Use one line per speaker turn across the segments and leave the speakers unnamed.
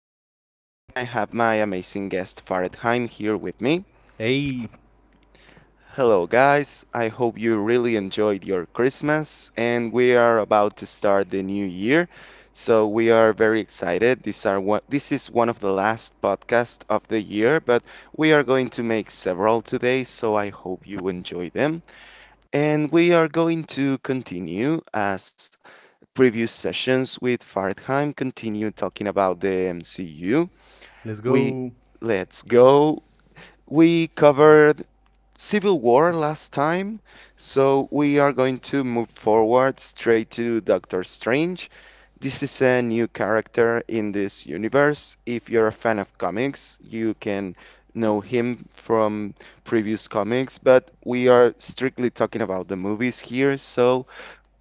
Dipper, and I have my amazing guest, Faradheim, here with me.
Hey,
Hello, guys. I hope you really enjoyed your Christmas, and we are about to start the new year. So we are very excited. This is one of the last podcasts of the year, but we are going to make several today, so I hope you enjoy them. And we are going to continue as previous sessions with Fartheim continue talking about the MCU.
let's
We
go.
let's go. We covered Civil War last time, so we are going to move forward straight to Doctor Strange. This is a new character in this universe. If you're a fan of comics, you can know him from previous comics, but we are strictly talking about the movies here, so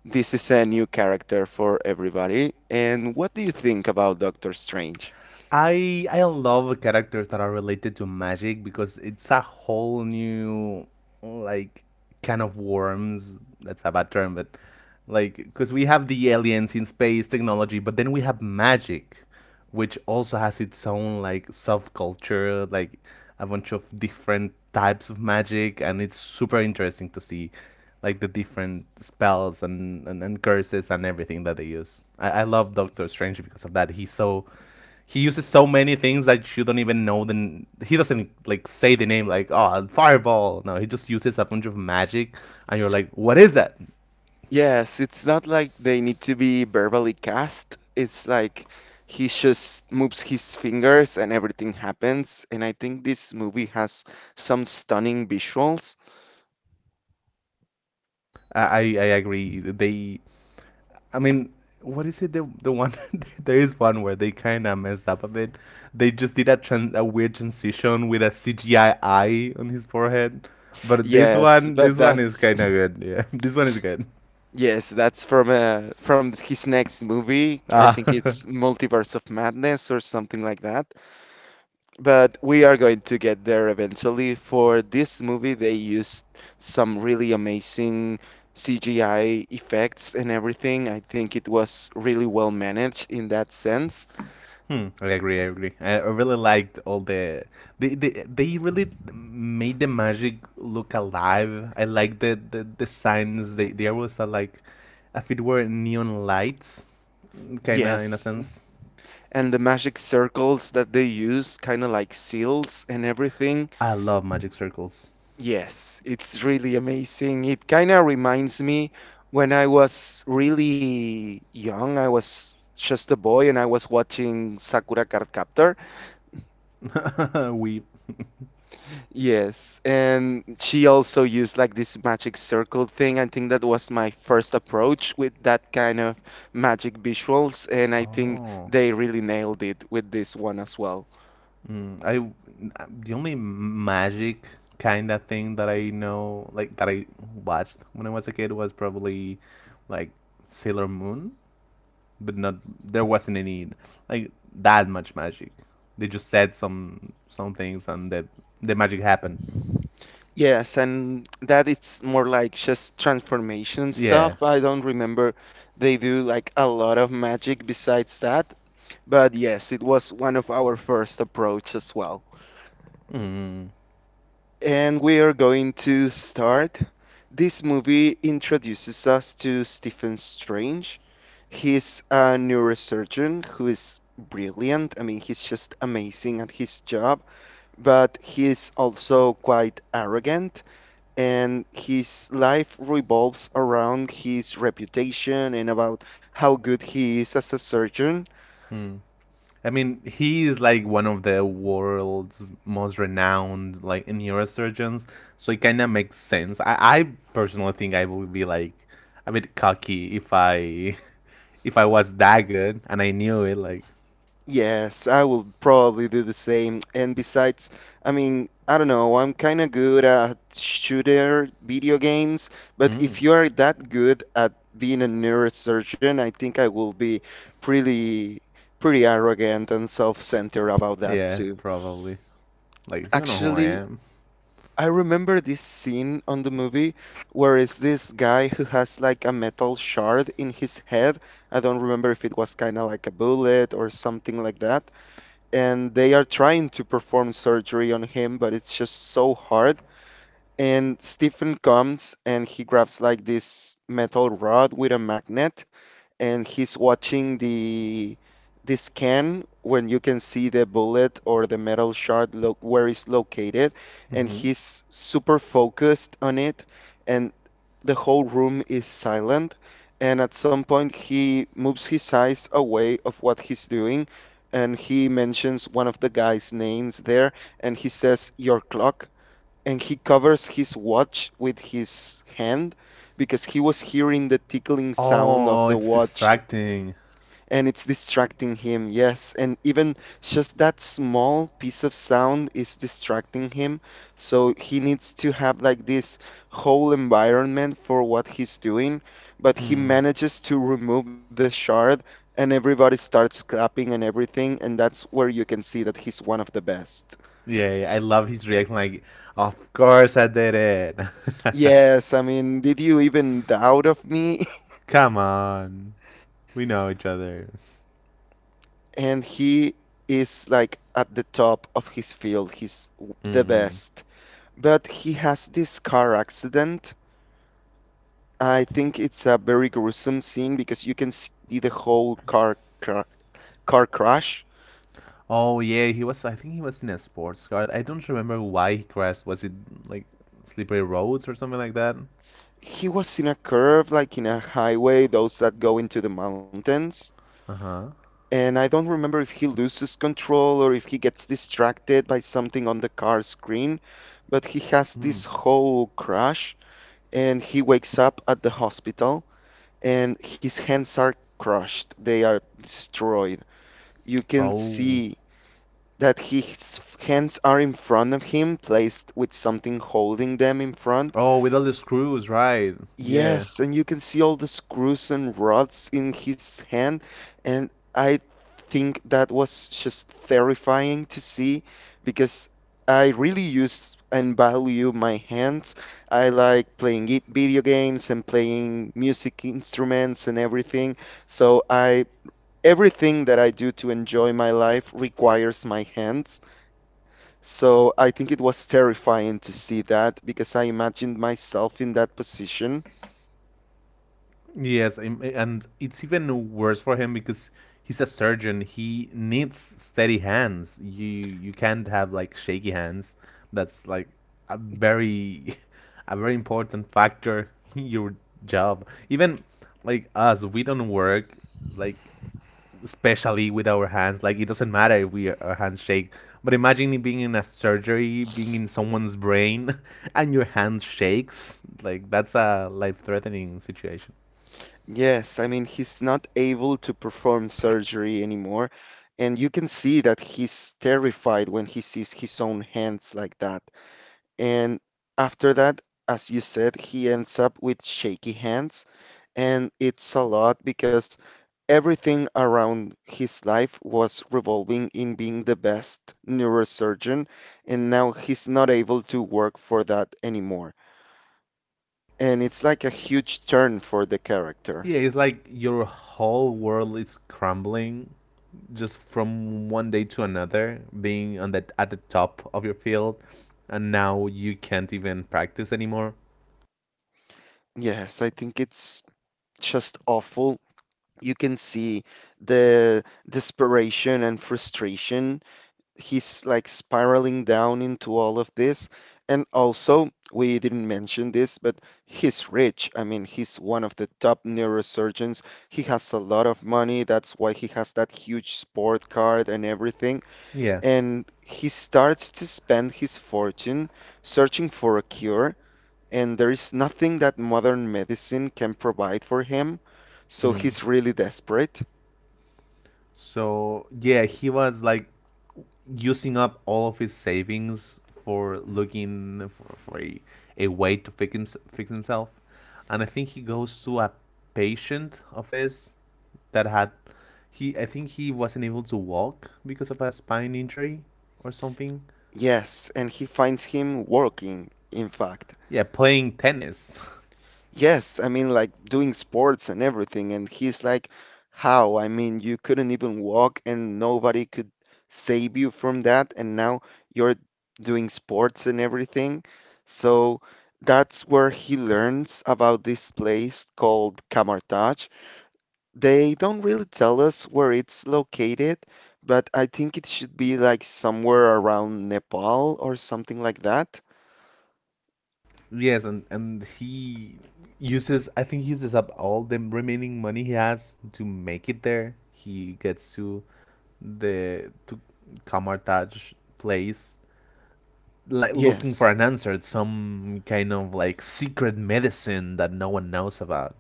this is a new character for everybody. And what do you think about Doctor Strange?
I love characters that are related to magic because it's a whole new like can of worms. That's a bad term, but like because we have the aliens in space technology but then we have magic which also has its own like subculture, like a bunch of different types of magic, and it's super interesting to see like the different spells and, and curses and everything that they use. I love Doctor Strange because of that. He's so, he uses so many things that you don't even know. Then he doesn't like say the name like, oh, fireball. No, he just uses a bunch of magic and you're like, what is that?
Yes, it's not like they need to be verbally cast. It's like he just moves his fingers and everything happens. And I think this movie has some stunning visuals.
I I agree. I mean, what is it? The one there is one where they kind of messed up a bit. They just did a a weird transition with a CGI eye on his forehead. But
Yes, but
this one is
that's
kind of good. Yeah, this one is good.
yes, that's from his next movie. I
Ah.
think it's Multiverse of Madness or something like that. But we are going to get there eventually. For this movie, they used some really amazing CGI effects and everything. I think it was really well managed in that sense.
Hmm, I agree. I agree. I really liked all the they really made the magic look alive. I like the the signs. They always are like, if it were neon lights, kinda, in a
Yes.
sense.
And the magic circles that they use, kind of like seals and everything.
I love magic circles.
Yes, it's really amazing. It kind of reminds me when I was really young, I was just a boy and I was watching Sakura Card Captor.
We.
Yes, and she also used like this magic circle thing. I think that was my first approach with that kind of magic visuals, and I think
Oh,
they really nailed it with this one as well.
mm, I the only magic kind of thing that I know, like that I watched when I was a kid, was probably like Sailor Moon. But not, there wasn't any like that much magic. They just said some things and the magic happened.
Yes, and that it's more like just transformation
Yeah.
stuff. I don't remember they do like a lot of magic besides that, but yes, it was one of our first approach as well.
Mm.
And we are going to start. This movie introduces us to Stephen Strange. He's a neurosurgeon who is brilliant. I mean, he's just amazing at his job, but he's also quite arrogant, and his life revolves around his reputation and about how good he is as a surgeon.
Hmm. I mean, he is like one of the world's most renowned like neurosurgeons, so it kind of makes sense. I personally think I would be like a bit cocky if I if I was that good and I knew it. Like,
Yes, I will probably do the same. And besides, I mean, I don't know, I'm kind of good at shooter video games, but
mm,
if you are that good at being a neurosurgeon, I think I will be pretty pretty arrogant and self-centered about that
yeah,
too.
probably. Like, you know who I
Actually,
am.
I remember this scene on the movie where is this guy who has like a metal shard in his head. I don't remember if it was kind of like a bullet or something like that and they are trying to perform surgery on him, but it's just so hard. And Stephen comes and he grabs like this metal rod with a magnet, and he's watching the scan when you can see the bullet or the metal shard where it's located, and
Mm-hmm.
he's super focused on it. And the whole room is silent, and at some point he moves his eyes away of what he's doing, and he mentions one of the guys' names there, and he says, "Your clock." And he covers his watch with his hand because he was hearing the tickling sound of
Oh,
the
it's
watch
distracting.
and it's distracting him. Yes, and even just that small piece of sound is distracting him. So he needs to have like this whole environment for what he's doing, but he
Mm.
manages to remove the shard and everybody starts clapping and everything, and that's where you can see that he's one of the best.
Yeah, yeah, I love his reaction, like, of course I did it.
Yes, I mean, did you even doubt of me?
Come on. We know each other.
And he is like at the top of his field. He's the
Mm-mm.
best. But he has this car accident. I think it's a very gruesome scene because you can see the whole car crash.
Oh, yeah, he was, I think he was in a sports car. I don't remember why he crashed. Was it like slippery roads or something like that?
He was in a curve, like in a highway, those that go into the mountains.
Uh huh.
And I don't remember if he loses control or if he gets distracted by something on the car screen, but he has
Mm.
this whole crash and he wakes up at the hospital and his hands are crushed. They are destroyed. You can
Oh.
see that his hands are in front of him, placed with something holding them in front.
Oh, with all the screws, right? Yeah.
Yes, and you can see all the screws and rods in his hand, and I think that was just terrifying to see because I really use and value my hands. I like playing video games and playing music instruments and everything. So I everything that I do to enjoy my life requires my hands. So I think it was terrifying to see that because I imagined myself in that position.
Yes, and it's even worse for him because he's a surgeon. He needs steady hands. You can't have like shaky hands. That's like a very a very important factor in your job. Even like us, we don't work like specially with our hands. Like, it doesn't matter if we our hands shake. But imagine being in a surgery, being in someone's brain, and your hand shakes. Like, that's a life-threatening situation.
Yes, I mean, he's not able to perform surgery anymore. And you can see that he's terrified when he sees his own hands like that. And after that, as you said, he ends up with shaky hands. And it's a lot because everything around his life was revolving in being the best neurosurgeon, and now he's not able to work for that anymore. And it's like a huge turn for the character.
Yeah, it's like your whole world is crumbling just from one day to another. Being on that at the top of your field, and now you can't even practice anymore.
Yes, I think it's just awful. You can see the desperation and frustration he's like spiraling down into all of this. And also, we didn't mention this, but he's rich. I mean, he's one of the top neurosurgeons. He has a lot of money. That's why he has that huge sport car and everything.
Yeah.
And he starts to spend his fortune searching for a cure. And there is nothing that modern medicine can provide for him. So
Mm.
he's really desperate.
So yeah, he was like using up all of his savings for looking for, a way to fix himself. And I think he goes to a patient of his that had, he, I think he wasn't able to walk because of a spine injury or something.
Yes, and he finds him working, in fact.
Yeah, playing tennis.
Yes, I mean like doing sports and everything. And he's like, how? I mean, you couldn't even walk and nobody could save you from that. And now you're doing sports and everything. So that's where he learns about this place called Kamartaj. They don't really tell us where it's located, but I think it should be like somewhere around Nepal or something like that.
Yes, and he uses, I think he uses up all the remaining money he has to make it there. He gets to the to Kamartaj place, like, looking for
Yes.
an answer. It's some kind of like secret medicine that no one knows about.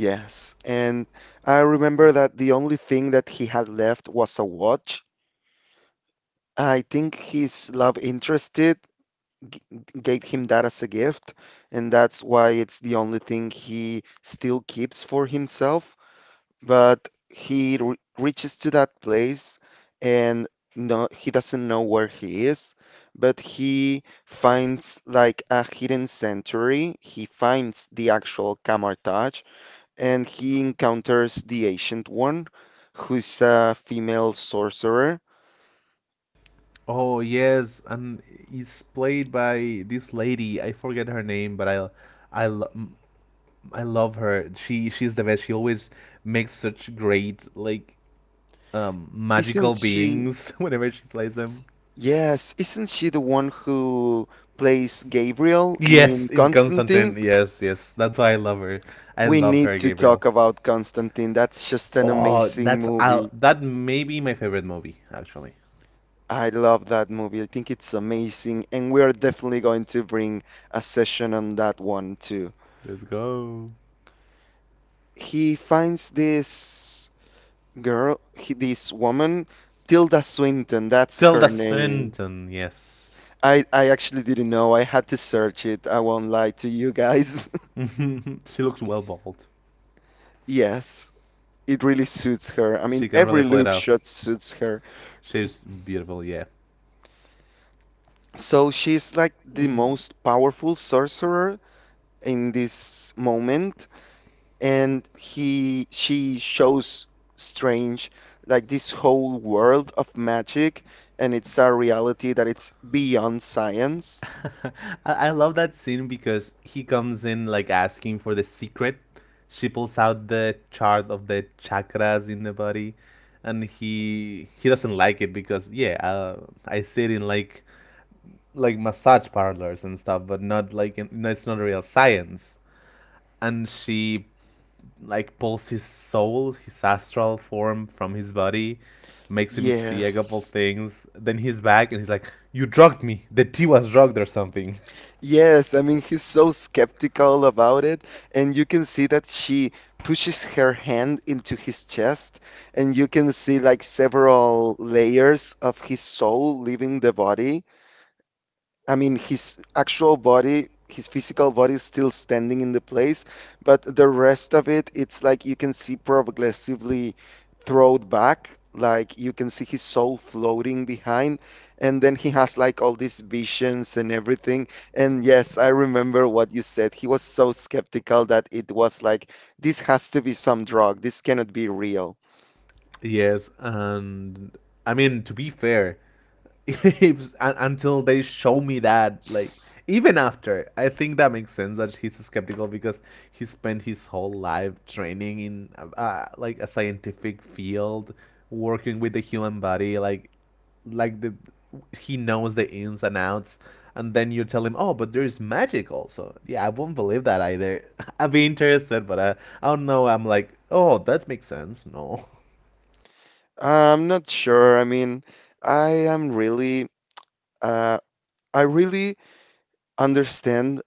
Yes, and I remember that the only thing that he had left was a watch. I think his love interested g gave him that as a gift, and that's why it's the only thing he still keeps for himself. But he re reaches to that place, and no, he doesn't know where he is. But he finds like a hidden sanctuary. He finds the actual Kamar Taj, and he encounters the Ancient One, who's a female sorcerer.
Oh yes, and it's played by this lady. I forget her name, but I, lo- m- I love her. She's the best. She always makes such great like
Isn't
magical
she?
beings whenever she plays them.
Yes, isn't she the one who plays Gabriel in
Yes, in
Constantine?
Constantine. Yes, yes. That's why I love her. I
We
love
need
her,
to
Gabriel.
talk about Constantine. That's just an
Oh,
amazing
that's,
movie.
I'll, that may be my favorite movie actually.
I love that movie. I think it's amazing, and we are definitely going to bring a session on that one too.
Let's go.
He finds this this woman, Tilda Swinton, that's
Tilda
her name.
Swinton, yes.
I actually didn't know. I had to search it. I won't lie to you guys.
She looks well bald.
Yes, it really suits her. I mean,
She can
every
really play it
look
up.
shot suits her.
She's beautiful, yeah.
So she's like the
Mm.
most powerful sorcerer in this moment, and he she shows Strange like this whole world of magic, and it's a reality that it's beyond science.
I-, I love that scene because he comes in like asking for the secret. She pulls out the chart of the chakras in the body, and he doesn't like it because, yeah, I sit in like massage parlors and stuff, but not like in, no, it's not real science. And she like pulls his soul, his astral form, from his body, makes him see a couple
Yes.
things. Then he's back and he's like, "You drugged me. The tea was drugged or something."
Yes, I mean, he's so skeptical about it, and you can see that she pushes her hand into his chest, and you can see like several layers of his soul leaving the body. I mean, his actual body, his physical body is still standing in the place, but the rest of it, it's like you can see progressively thrown back. Like you can see his soul floating behind, and then he has like all these visions and everything. And yes, I remember what you said. He was so skeptical that it was like, this has to be some drug. This cannot be real.
Yes, and I mean, to be fair, if, until they show me that, like, even after, I think that makes sense that he's so skeptical because he spent his whole life training in like a scientific field, working with the human body, like the he knows the ins and outs, and then you tell him, oh, but there is magic also. Yeah, I won't believe that either. I'd be interested, but I don't know. I'm like, oh, that makes sense. No.
I'm not sure. I mean, I am really, uh, I really understand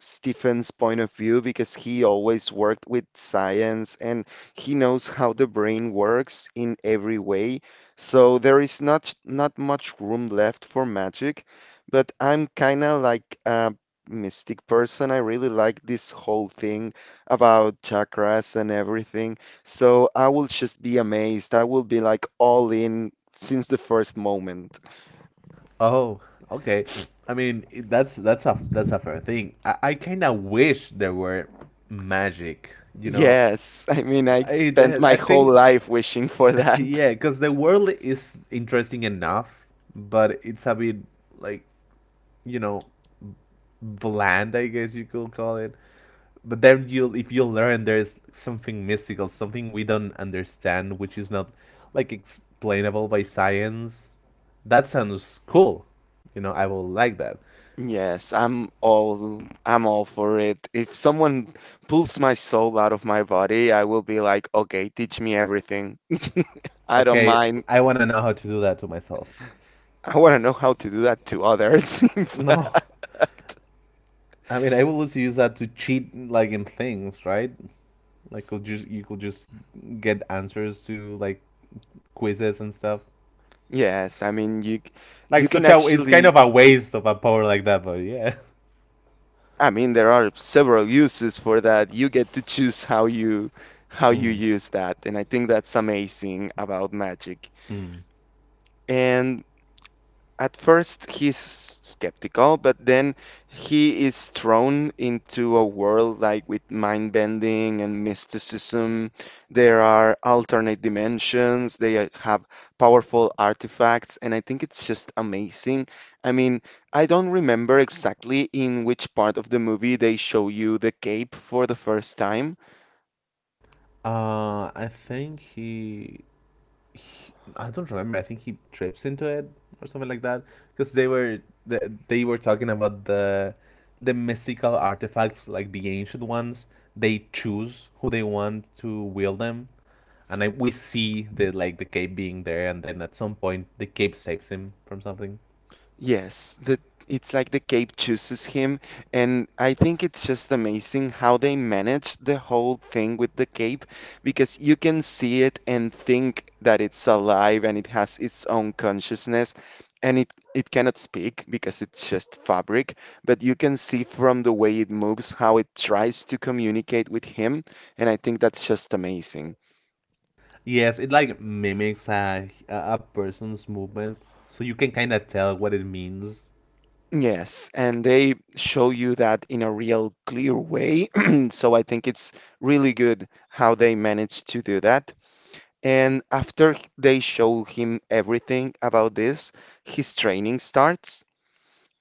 Stephen's point of view because he always worked with science and he knows how the brain works in every way. So there is not much room left for magic, but I'm kind of like a mystic person. I really like this whole thing about chakras and everything. So I will just be amazed. I will be like all in since the first moment.
Oh, okay. I mean, that's, that's a fair thing. I kind of wish there were magic, you know.
Yes, I mean, I
i,
spent my
I
whole
think
life wishing for that.
yeah, because the world is interesting enough, but it's a bit, like, you know, bland, I guess you could call it. But then you'll, if you learn there's something mystical, something we don't understand, which is not like explainable by science, that sounds cool, you know. I will like that.
Yes, I'm all for it. If someone pulls my soul out of my body, I will be like, okay, teach me everything. I don't
Okay,
mind.
I want to know how to do that to myself.
I want to know how to do that to others, in
No,
fact.
I mean, I will also use that to cheat, like, in things, right? Like, could just, you could just get answers to like quizzes and stuff.
Yes, I mean
Like,
you can
such a, it's kind
actually
of a waste of a power like that, but yeah.
I mean there are several uses for that. You get to choose how you
Mm,
use that, and I think that's amazing about magic.
mm.
And At first he's skeptical, but then he is thrown into a world like with mind bending and mysticism. There are alternate dimensions, they have powerful artifacts, and I think it's just amazing. I mean, I don't remember exactly in which part of the movie they show you the cape for the first time.
I think he, I don't remember. I think he trips into it or something like that. Because they were, they were talking about the mystical artifacts, like the ancient ones. They choose who they want to wield them, and we see the, like, the cape being there, and then at some point the cape saves him from something.
Yes, the it's like the cape chooses him, and I think it's just amazing how they manage the whole thing with the cape because you can see it and think that it's alive and it has its own consciousness, and it cannot speak because it's just fabric, but you can see from the way it moves how it tries to communicate with him, and I think that's just amazing.
Yes, it like mimics a person's movement, so you can kind of tell what it means.
Yes, and they show you that in a real clear way. So I think it's really good how they managed to do that. And after they show him everything about this, his training starts.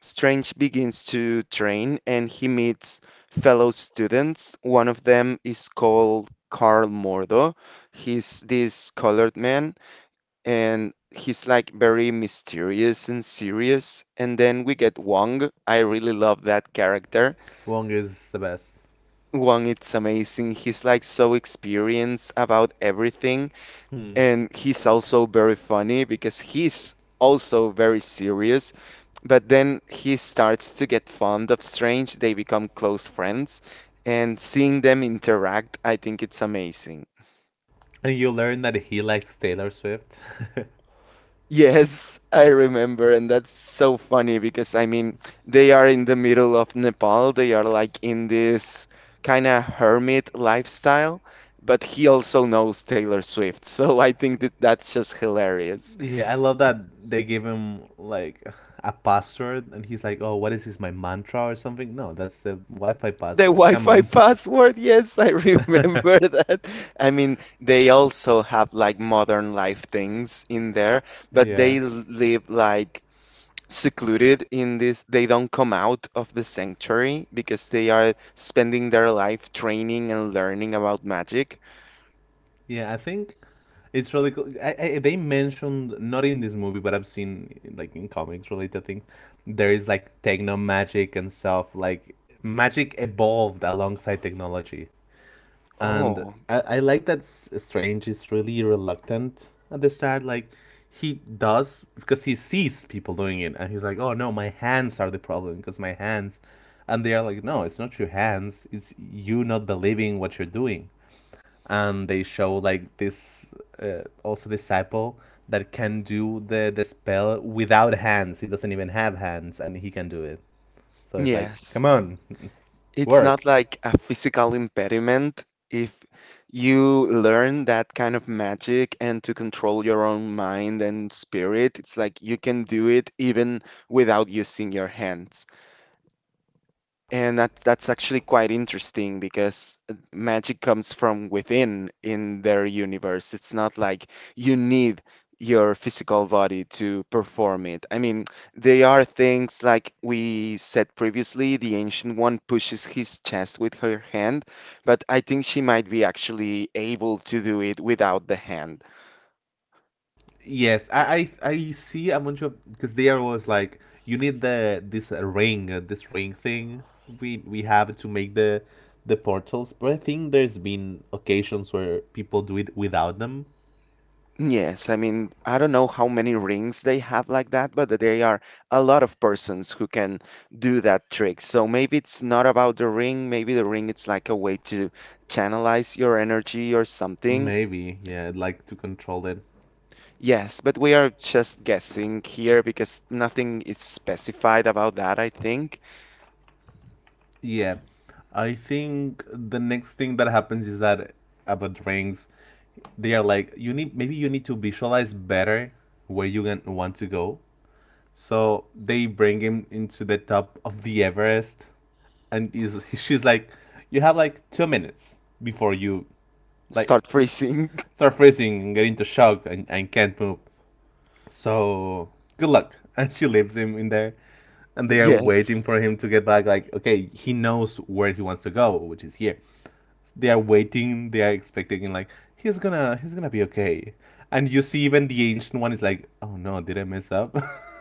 Strange begins to train and he meets fellow students. One of them is called Carl Mordo. He's this colored man, and he's like very mysterious and serious. And then we get Wong. I really love that character.
Wong is the best.
Wong, it's amazing. He's like so experienced about everything,
Hmm.
and he's also very funny because he's also very serious. But then he starts to get fond of Strange. They become close friends, and seeing them interact, I think it's amazing.
And you learn that he likes Taylor Swift.
Yes, I remember, and that's so funny because I mean, they are in the middle of Nepal. They are like in this kind of hermit lifestyle, but he also knows Taylor Swift. So I think that's just hilarious.
Yeah, I love that they give him like a password and he's like, "Oh, what is this? My mantra or something?" No, that's the Wi-Fi
The
password. Come
Wi-Fi
on.
password, yes, I remember that. I mean, they also have like modern life things in there, but
Yeah.
they live like secluded in this they don't come out of the sanctuary because they are spending their life training and learning about magic.
Yeah, I think it's really cool. They mentioned, not in this movie, but I've seen like in comics related things. There is like techno magic and stuff. Like, magic evolved alongside technology. And
Oh,
I like that Strange is really reluctant at the start. Like, he does because he sees people doing it, and he's like, "Oh no, my hands are the problem because my hands," and they are like, "No, it's not your hands. It's you not believing what you're doing." And they show like this also disciple that can do the spell without hands. He doesn't even have hands, and he can do it. So it's like,
yes.
come on,
It's
work.
not like a physical impediment if you learn that kind of magic and to control your own mind and spirit. It's like you can do it even without using your hands. And that's actually quite interesting because magic comes from within in their universe. It's not like you need your physical body to perform it. I mean, they are things like we said previously, the ancient one pushes his chest with her hand, but I think she might be actually able to do it without the hand.
Yes, I see a bunch of because they are always like, you need the this ring this ring thing. We have to make the portals, but I think there's been occasions where people do it without them.
Yes, I mean, I don't know how many rings they have like that, but they are a lot of persons who can do that trick. So maybe it's not about the ring, maybe the ring it's like a way to channelize your energy or something.
Maybe, yeah, like to control it.
Yes, but we are just guessing here because nothing is specified about that, I think.
Yeah, I think the next thing that happens is that, about rings, they are like, you need, maybe you need to visualize better where you can, want to go. So they bring him into the top of the Everest, and is she's like, "You have like 2 minutes before you like
Start freezing.
start freezing and get into shock and can't move." So good luck. And she leaves him in there. And they are waiting
Yes.
for him to get back. Like, okay, he knows where he wants to go, which is here. They are waiting, they are expecting like he's gonna be okay. And you see even the ancient one is like, oh no, did I mess up?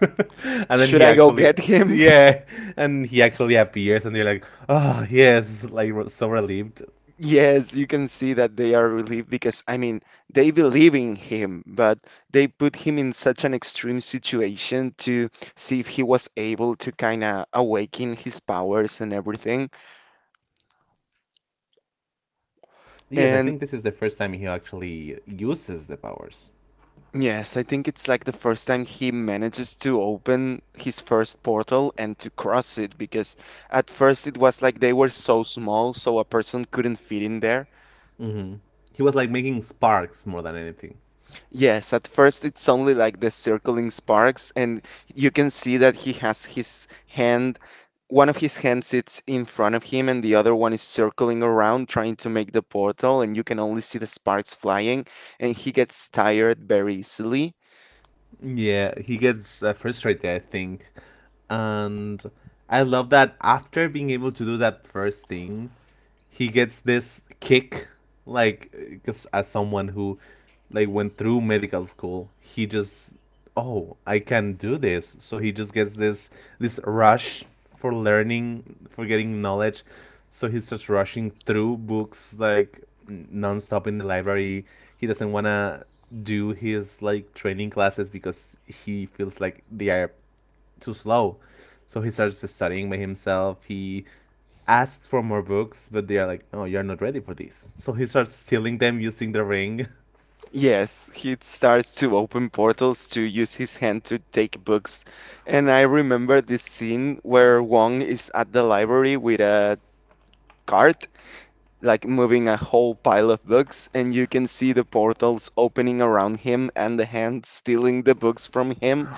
And then
Should
he
I go
actually,
get him?
yeah, and he actually appears and they're like, oh yes, like so relieved.
Yes, you can see that they are relieved because, I mean, they believe in him, but they put him in such an extreme situation to see if he was able to kind of awaken his powers and everything.
Yes, I
And
think this is the first time he actually uses the powers.
yes, I think it's like the first time he manages to open his first portal and to cross it because at first it was like they were so small, so a person couldn't fit in there.
Hmm. He was like making sparks more than anything.
Yes, at first it's only like the circling sparks, and you can see that he has his hand, one of his hands sits in front of him, and the other one is circling around trying to make the portal, and you can only see the sparks flying, and he gets tired very easily.
Yeah, he gets frustrated, I think. And I love that after being able to do that first thing, he gets this kick like because as someone who like went through medical school he just oh I can do this so he just gets this this rush for learning for getting knowledge so he's just rushing through books like nonstop in the library he doesn't want to do his like training classes because he feels like they are too slow so he starts studying by himself he asks for more books, but they are like, "Oh, you're not ready for this." So he starts stealing them using the ring.
Yes, he starts to open portals to use his hand to take books. And I remember this scene where Wong is at the library with a cart like moving a whole pile of books, and you can see the portals opening around him and the hand stealing the books from him.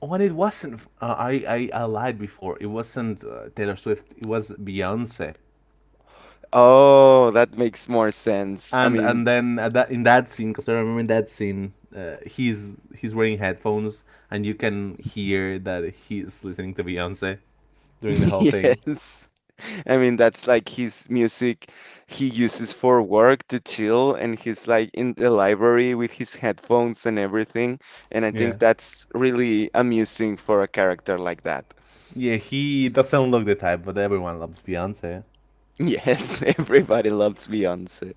When it wasn't, I lied before. It wasn't Taylor Swift. It was Beyonce.
Oh, that makes more sense. I
And
mean,
and then at that, in that scene, because I remember in that scene, he's wearing headphones, and you can hear that he's listening to Beyonce during the whole thing.
yes. I mean, that's like his music he uses for work to chill, and he's like in the library with his headphones and everything. And I think
Yeah.
that's really amusing for a character like that.
Yeah, he doesn't look the type, but everyone loves Beyonce.
Yes, everybody loves Beyoncé.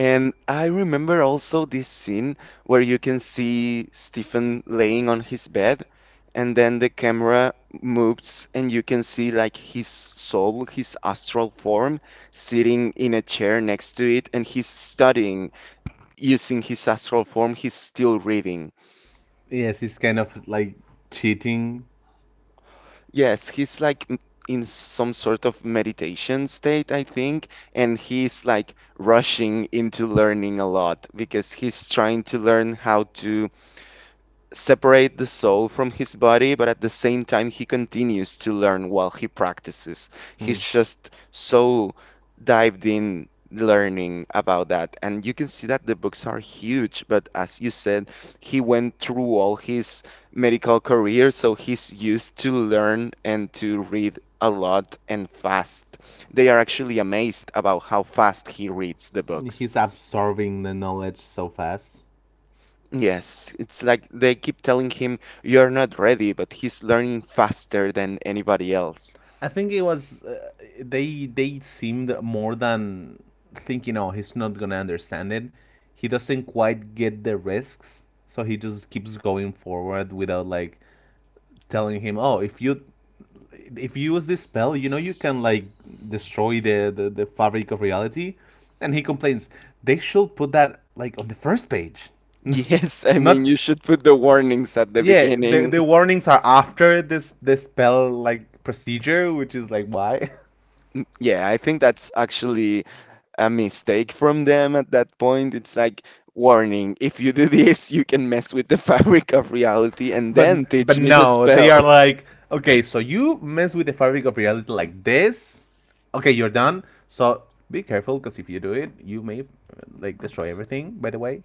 And I remember also this scene where you can see Stephen laying on his bed, and then the camera moves, and you can see like his soul, his astral form, sitting in a chair next to it, and he's studying using his astral form. He's still reading.
Yes, he's kind of like cheating
Yes, he's like in some sort of meditation state, I think, and he's like rushing into learning a lot because he's trying to learn how to separate the soul from his body, but at the same time, he continues to learn while he practices. He's just so dived in learning about that. And you can see that the books are huge, but as you said, he went through all his medical career, so he's used to learn and to read a lot and fast. They are actually amazed about how fast he reads the
reads.
books.
He's absorbing the knowledge so fast.
Yes, it's like they keep telling him you're not ready, but he's learning faster than anybody else.
I think it was they seemed more than thinking, oh, he's not gonna understand it. He doesn't quite get the risks, so he just keeps going forward without like telling him, oh, if you use this spell, you know you can like destroy the fabric of reality. And he complains, they should put that like on the first page.
Yes, I mean,
Not
you should put the warnings at the
yeah.
beginning.
The warnings are after this the spell like procedure, which is like why.
Yeah, I think that's actually a mistake from them at that point. It's like, warning, if you do this, you can mess with the fabric of reality and
But
then
but
teach me the
no, they
spell.
are like, okay, so you mess with the fabric of reality like this. Okay, you're done. So be careful, because if you do it, you may like destroy everything. By the way,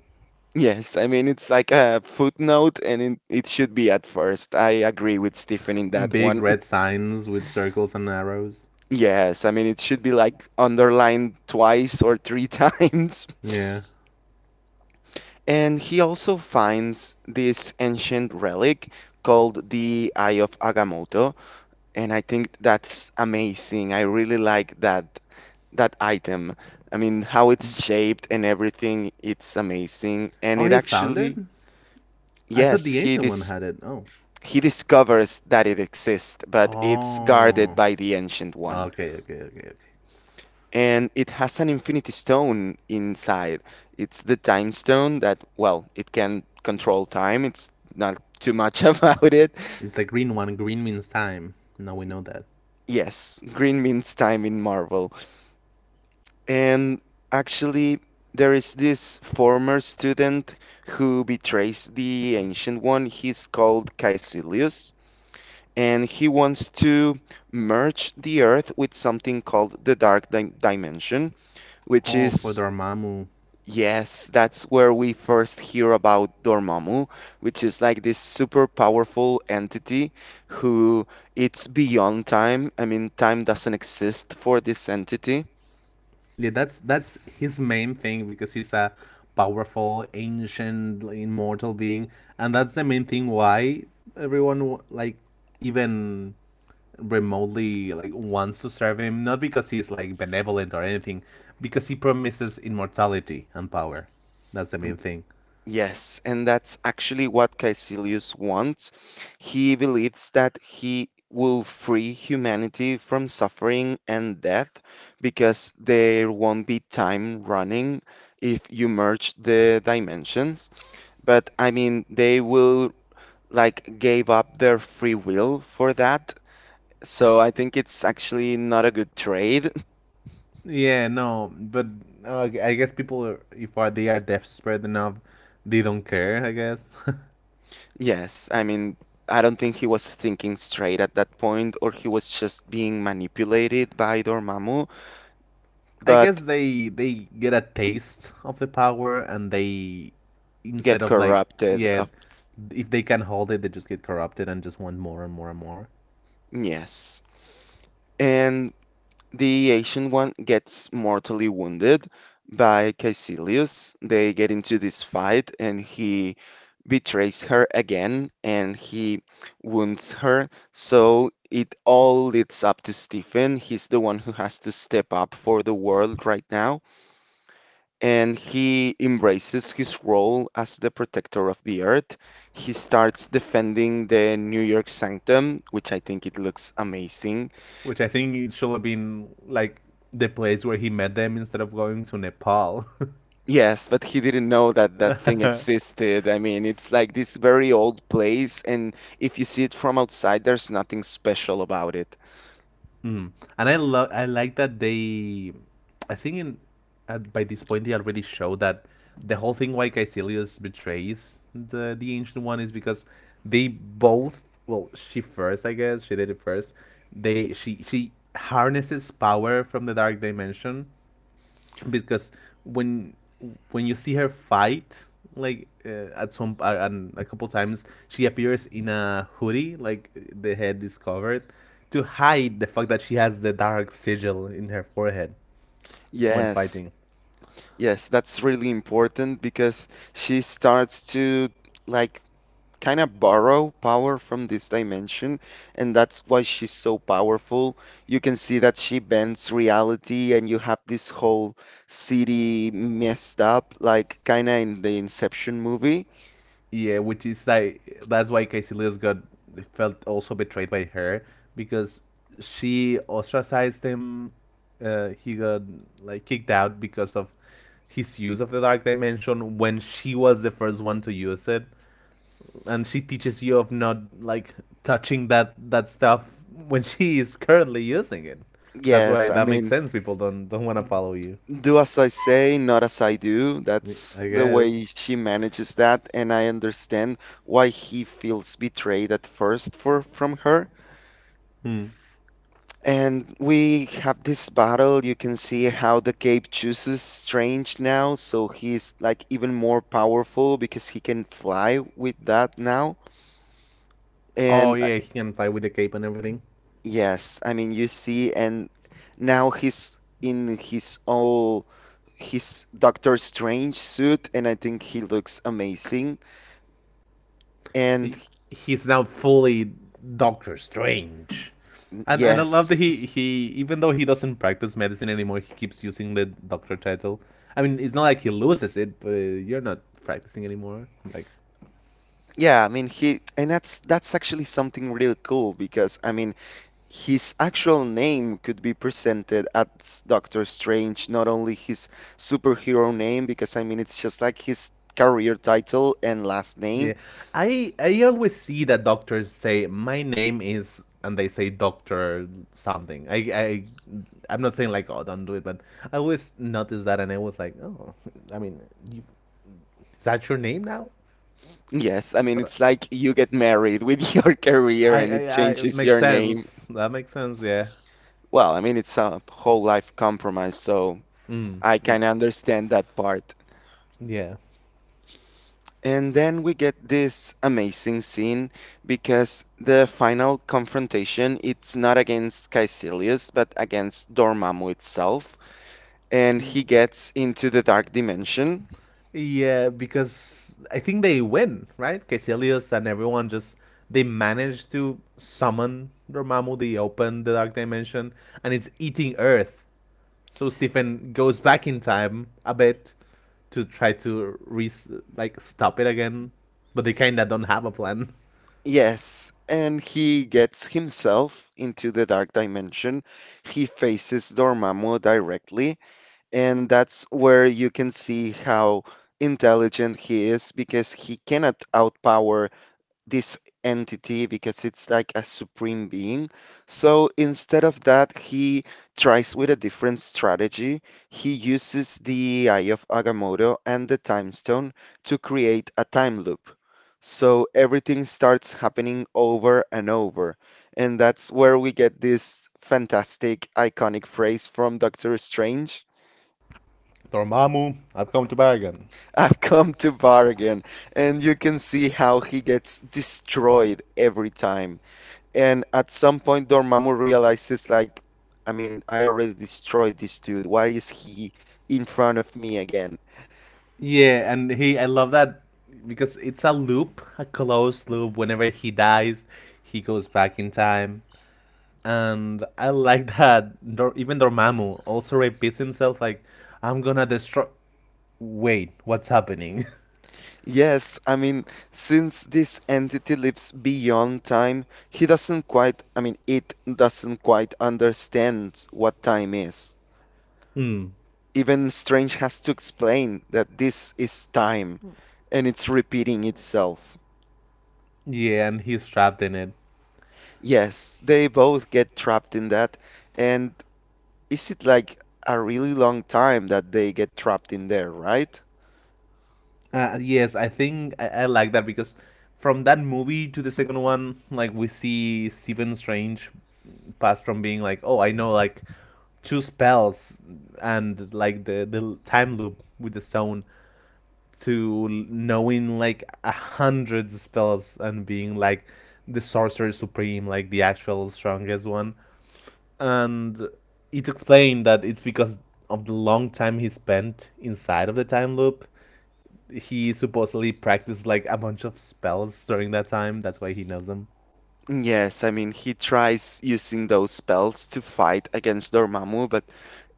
Yes, I mean, it's like a footnote and it should be at first. I agree with Stephen in that
big
one.
red signs with circles and arrows.
Yes, I mean, it should be like underlined twice or three times.
Yeah.
And he also finds this ancient relic called the Eye of Agamotto, and I think that's amazing. I really like that item. I mean, how it's shaped and everything, it's amazing. And
Oh,
it
he found it.
actually,
I thought
yes,
the
he
ancient one
dis
had it. Oh.
he discovers that it exists, but it's guarded
Oh.
by the ancient one.
Okay, okay, okay, okay.
And it has an infinity stone inside. It's the time stone that, well, it can control time. It's not too much about it.
It's the green one. Green means time. Now we know that.
Yes, green means time in Marvel. And actually, there is this former student who betrays the Ancient One. He's called Caecilius. And he wants to merge the Earth with something called the Dark Dimension, which
Oh, for
is
Dormammu.
Yes, that's where we first hear about Dormammu, which is like this super powerful entity who it's beyond time. I mean, time doesn't exist for this entity.
Yeah, that's his main thing because he's a powerful, ancient, like, immortal being, and that's the main thing why everyone like even remotely like wants to serve him. Not because he's like benevolent or anything, because he promises immortality and power. That's the main
Mm,
thing.
yes, and that's actually what Caecilius wants. He believes that he will free humanity from suffering and death because there won't be time running if you merge the dimensions. But I mean, they will like gave up their free will for that. So I think it's actually not a good trade.
Yeah, no, but I guess people, are, if are, they are desperate enough, they don't care. I guess.
Yes, I mean, I don't think he was thinking straight at that point, or he was just being manipulated by Dormammu,
I
but
guess they get a taste of the power and they
get
instead of like
corrupted.
yeah,
Of,
if they can hold it, they just get corrupted and just want more and more and more.
yes. And the Asian one gets mortally wounded by Caecilius. They get into this fight, and he betrays her again and he wounds her. So it all leads up to Stephen. He's the one who has to step up for the world right now. And he embraces his role as the protector of the earth. He starts defending the New York Sanctum, which I think it looks amazing.
Which I think it should have been like the place where he met them instead of going to Nepal.
Yes, but he didn't know that that thing existed. I mean, it's like this very old place, and if you see it from outside, there's nothing special about it.
Mm. And I love I like that they I think in at, by this point they already show that the whole thing why Caecilius betrays the ancient one is because they both well she first I guess she did it first they she harnesses power from the dark dimension because when when you see her fight like at some and a couple times she appears in a hoodie like the head is covered to hide the fact that she has the dark sigil in her forehead when
Yes,
fighting.
yes, that's really important because she starts to like kind of borrow power from this dimension, and that's why she's so powerful. You can see that she bends reality, and you have this whole city messed up, like kind of in the Inception movie.
Yeah, which is like that's why Casey Lewis got felt also betrayed by her because she ostracized him. He got like kicked out because of his use of the dark dimension when she was the first one to use it, and she teaches you of not like touching that stuff when she is currently using it. That's why
Yes, I
that makes
mean,
sense. People don't want to follow you.
do as I say, not as I do. That's
I
the way
guess.
she manages that, and I understand why he feels betrayed at first for from her.
Hmm.
And we have this battle. You can see how the cape chooses Strange now, so he's like even more powerful because he can fly with that now.
Oh
And
yeah, he can fly with the cape and everything.
yes, I mean you see, and now he's in his all his Doctor Strange suit, and I think he looks amazing. And
He's now fully Doctor Strange. And I love that
yes,
he even though he doesn't practice medicine anymore, he keeps using the doctor title. I mean, it's not like he loses it, but you're not practicing anymore. Like,
yeah, I mean he and that's actually something real cool because I mean his actual name could be presented as Doctor Strange, not only his superhero name because I mean it's just like his career title and last name.
yeah. I always see that doctors say my name is and they say doctor something. I'm not saying like oh don't do it, but I always notice that and I was like, "Oh, I mean, you, is that your name now?"
Yes, I
So
mean
that-
it's like you get married with your career
I,
and
I,
it
I it
changes
makes
your name.
sense. That makes sense. Yeah.
Well, I mean it's a whole life compromise, so
Mm.
I
It-
can understand that part.
yeah.
And then we get this amazing scene because the final confrontation it's not against Caecilius but against Dormammu itself and he gets into the dark dimension.
Yeah, because I think they win, right? Caecilius and everyone just they manage to summon Dormammu. They open the dark dimension, and it's eating Earth. So Stephen goes back in time a bit to try to re like stop it again, but they kinda don't have a plan.
Yes, and he gets himself into the dark dimension. He faces Dormammu directly and that's where you can see how intelligent he is because he cannot outpower this entity because it's like a supreme being. So instead of that, he tries with a different strategy. He uses the Eye of Agamotto and the Time Stone to create a time loop. So everything starts happening over and over. And that's where we get this fantastic, iconic phrase from Doctor Strange.
Dormammu, I've come to bargain.
I've come to bargain. And you can see how he gets destroyed every time. And at some point, Dormammu realizes, like, I mean, I already destroyed this dude. Why is he in front of me again?
Yeah, and he I love that because it's a loop, a closed loop. Whenever he dies, he goes back in time. And I like that even Dormammu also repeats himself like I'm going to destroy wait, what's happening?
Yes, I mean, since this entity lives beyond time, he doesn't quite, I mean, it doesn't quite understand what time is.
Hmm.
Even Strange has to explain that this is time and it's repeating itself.
Yeah, and he's trapped in it.
Yes, they both get trapped in that. And is it like a really long time that they get trapped in there, right?
Yes, I think I like that because from that movie to the second one, like we see Stephen Strange pass from being like, oh, I know like two spells and like the time loop with the stone to knowing like a hundred spells and being like the sorcerer supreme, like the actual strongest one. And it's explained that it's because of the long time he spent inside of the time loop he supposedly practiced like a bunch of spells during that time. That's why he knows them.
Yes, I mean he tries using those spells to fight against Dormammu, but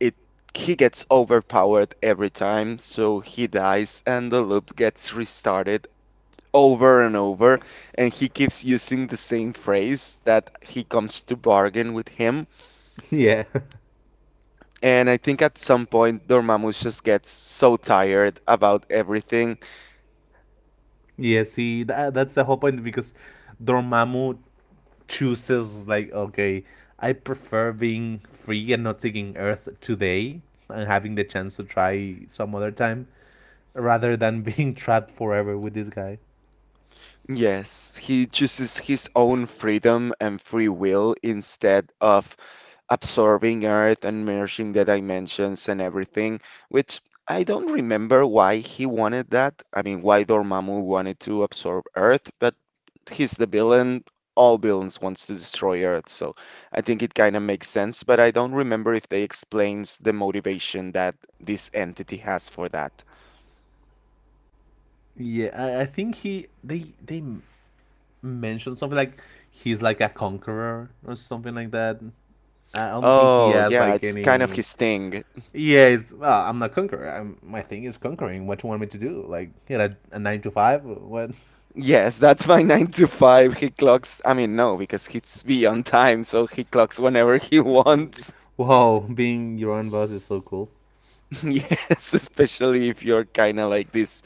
it he gets overpowered every time, so he dies and the loop gets restarted over and over, and he keeps using the same phrase that he comes to bargain with him.
Yeah.
And I think at some point Dormammu just gets so tired about everything.
Yeah, see, that's the whole point because Dormammu chooses like, okay, I prefer being free and not taking Earth today and having the chance to try some other time rather than being trapped forever with this guy.
Yes, he chooses his own freedom and free will instead of absorbing Earth and merging the dimensions and everything, which I don't remember why he wanted that. I mean, why Dormammu wanted to absorb Earth, but he's the villain. All villains wants to destroy Earth, so I think it kind of makes sense, but I don't remember if they explains the motivation that this entity has for that.
Yeah, I think he they mentioned something like he's like a conqueror or something like that. I don't think he
Oh,
has
yeah,
like
it's kind of
any.
his thing.
Yeah, it's, well, I'm not conqueror. I'm, my thing is conquering. What you want me to do? Like, you know, a nine to five? What?
Yes, that's my 9 to 5. He clocks, I mean, no, because he's beyond time, so he clocks whenever he wants.
Whoa, being your own boss is so cool.
Yes, especially if you're kind of like this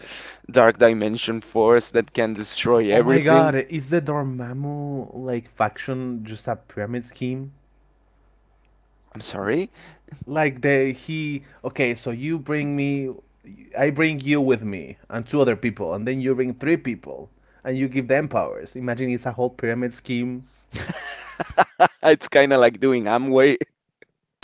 dark dimension force that can destroy
Oh my god,
everything.
is the Dormammu like faction just a pyramid scheme?
I'm sorry.
Like they he okay, so you bring me, I bring you with me and two other people, and then you bring three people, and you give them powers. Imagine it's a whole pyramid scheme.
Ah, it's kind of like doing Amway.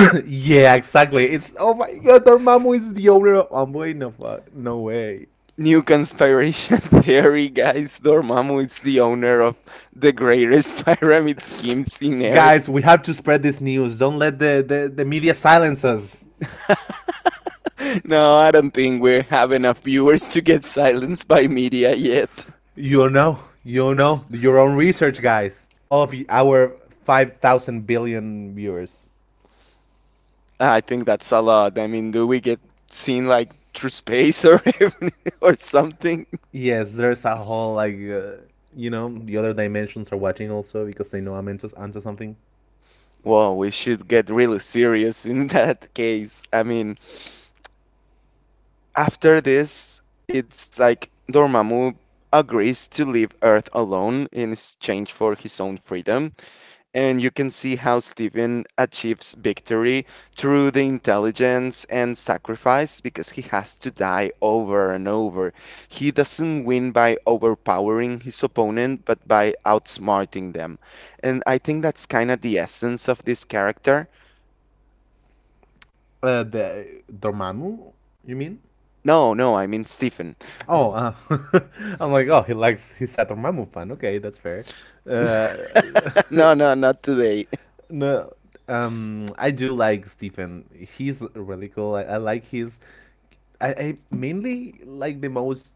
Yeah, exactly. It's oh my god, Dormammu is the owner of. Oh wait, no fuck, no way.
New conspiration theory, guys. Dormammu is the owner of the greatest pyramid schemes in Earth.
Guys, we have to spread this news. Don't let the media silence us.
No, I don't think we have enough viewers to get silenced by media yet.
You know, your own research, guys. All of our 5,000 billion viewers.
I think that's a lot. I mean, do we get seen like through space or or something?
Yes, there's a whole, like, you know, the other dimensions are watching also because they know I'm into something.
Well, we should get really serious in that case. I mean, after this, it's like Dormammu agrees to leave Earth alone in exchange for his own freedom. And you can see how Stephen achieves victory through the intelligence and sacrifice because he has to die over and over. He doesn't win by overpowering his opponent, but by outsmarting them. And I think that's kind of the essence of this character.
The Dormammu, you mean?
No, no, I mean Stephen.
Oh, I'm like, oh, he likes Hisato Mamu-fan. Okay, that's fair. Uh,
No, no, not today.
no, I do like Stephen. He's really cool. I like his. I mainly like the most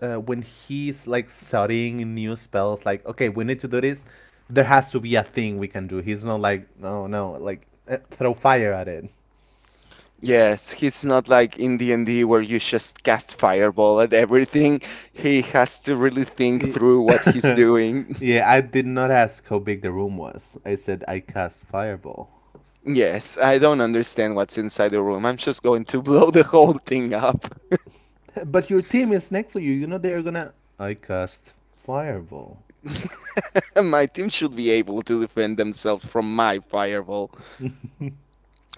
when he's like studying new spells. Like, okay, we need to do this. There has to be a thing we can do. He's not like, no, no, like throw fire at it.
Yes, he's not like in D&D where you just cast fireball at everything. He has to really think
Y-
through what he's doing.
yeah, I did not ask how big the room was. I said I cast fireball.
Yes, I don't understand what's inside the room. I'm just going to blow the whole thing up.
But your team is next to you. You know they're gonna. I cast fireball.
My team should be able to defend themselves from my fireball.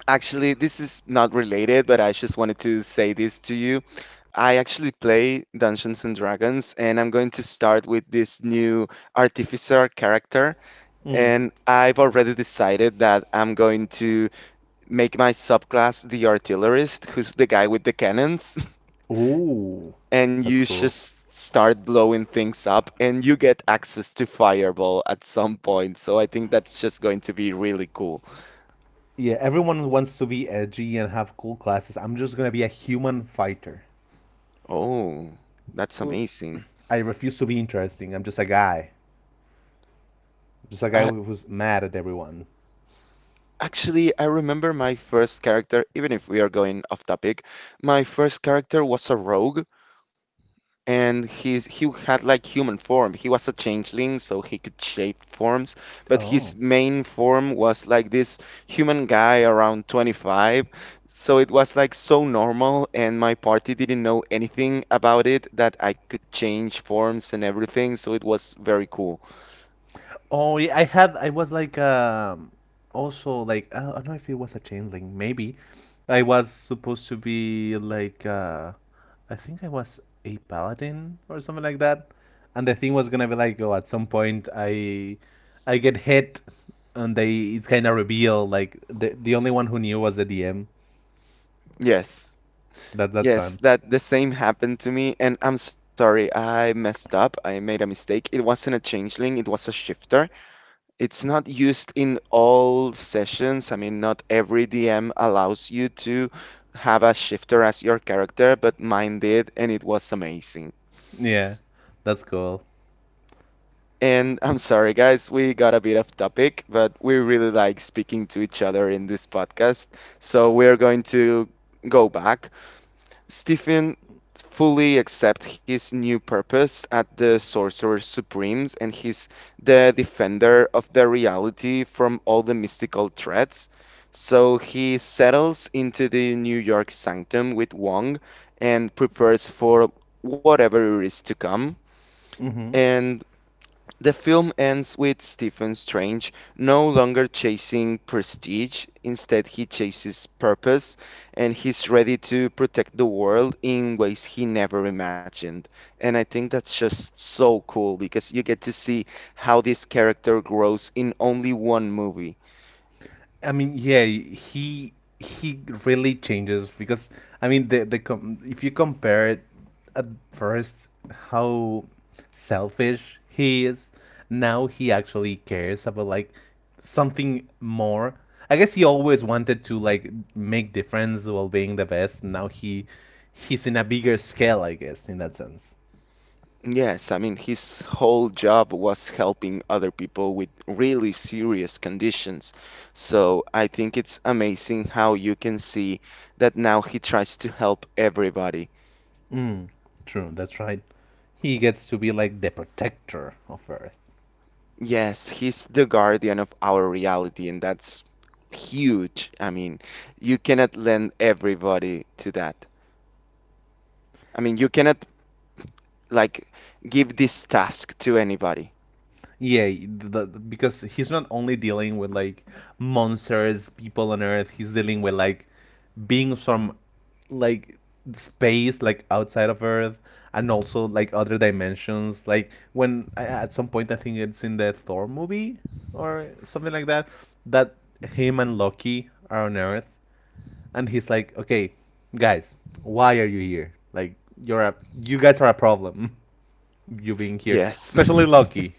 Actually, this is not related, but I just wanted to say this to you. I actually play Dungeons and Dragons, and I'm going to start with this new artificer character.
Mm.
And I've already decided that I'm going to make my subclass the artillerist, who's the guy with the cannons.
Ooh,
And you
that's cool.
just start blowing things up and you get access to fireball at some point. So I think that's just going to be really cool.
Yeah, everyone wants to be edgy and have cool classes. I'm just gonna be a human fighter.
Oh, that's
Well,
amazing.
I refuse to be interesting. I'm just a guy. Just a guy
I,
who- was mad at everyone.
actually, I remember my first character, even if we are going off topic. My first character was a rogue and he had like human form. He was a changeling, so he could shape forms, but his
Oh.
main form was like this human guy around 25. So it was like so normal, and my party didn't know anything about it that I could change forms and everything, so it was very cool.
Oh, yeah, I had, I was like, also like, I don't know if it was a chain link, maybe. I was supposed to be like, I think I was a paladin or something like that. And the thing was gonna be like, oh, at some point I get hit, and they it's kind of revealed like the only one who knew was the DM.
Yes.
That that's
Yes,
fun.
that the same happened to me, and I'm sorry, I messed up. I made a mistake. It wasn't a changeling, it was a shifter. It's not used in all sessions. I mean, not every DM allows you to have a shifter as your character, but mine did, and it was amazing.
Yeah, that's cool.
And I'm sorry, guys, we got a bit off topic, but we really like speaking to each other in this podcast. So we're going to go back. Stephen fully accepts his new purpose at the Sorcerer Supremes, and he's the defender of the reality from all the mystical threats. So he settles into the New York sanctum with Wong and prepares for whatever is to come.
Mm-hmm.
And the film ends with Stephen Strange no longer chasing prestige. Instead, he chases purpose and he's ready to protect the world in ways he never imagined. And I think that's just so cool because you get to see how this character grows in only one movie.
I mean, yeah, he really changes because I mean the com- if you compare it at first how selfish he is, now he actually cares about like something more. I guess he always wanted to like make difference while being the best. Now he he's in a bigger scale, I guess, in that sense.
Yes, I mean, his whole job was helping other people with really serious conditions. So I think it's amazing how you can see that now he tries to help everybody.
Mm, true, that's right. He gets to be like the protector of Earth.
Yes, he's the guardian of our reality, and that's huge. I mean, you cannot lend everybody to that. I mean, you cannot, like, give this task to anybody.
Yeah, the, because he's not only dealing with like monsters, people on Earth. He's dealing with like beings from like space, like outside of Earth, and also like other dimensions. Like when at some point I think it's in the Thor movie or something like that, that him and Loki are on Earth, and he's like, "Okay, guys, why are you here? Like you're a you guys are a problem. You being here,
Yes.
especially Loki."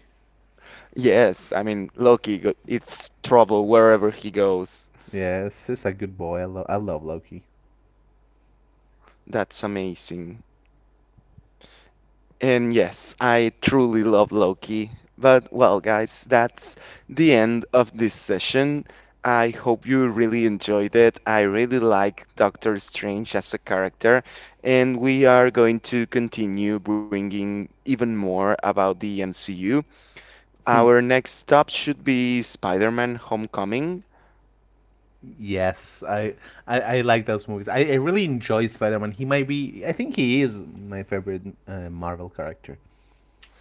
Yes, I mean, Loki, it's trouble wherever he goes.
Yes, he's a good boy. I love Loki.
That's amazing. And yes, I truly love Loki. But well, guys, that's the end of this session. I hope you really enjoyed it. I really like Doctor Strange as a character, and we are going to continue bringing even more about the MCU.
Hmm.
Our next stop should be Spider-Man Homecoming.
Yes, I like those movies. I really enjoy Spider Man. He might be. I think he is my favorite Marvel character.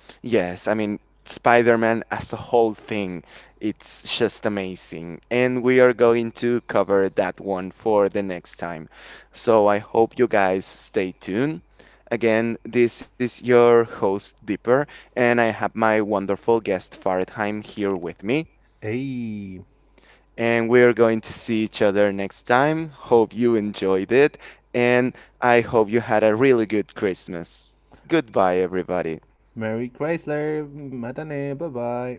Yes, I mean, Spider-Man as a whole thing, it's just amazing. And we are going to cover that one for the next time. So I hope you guys stay tuned. Again, this is your host, Dipper, and I have my wonderful guest, Faradheim, here with me.
Hey,
And we're going to see each other next time. Hope you enjoyed it, and I hope you had a really good Christmas. Goodbye, everybody.
Mary Chrysler, matane, bye bye.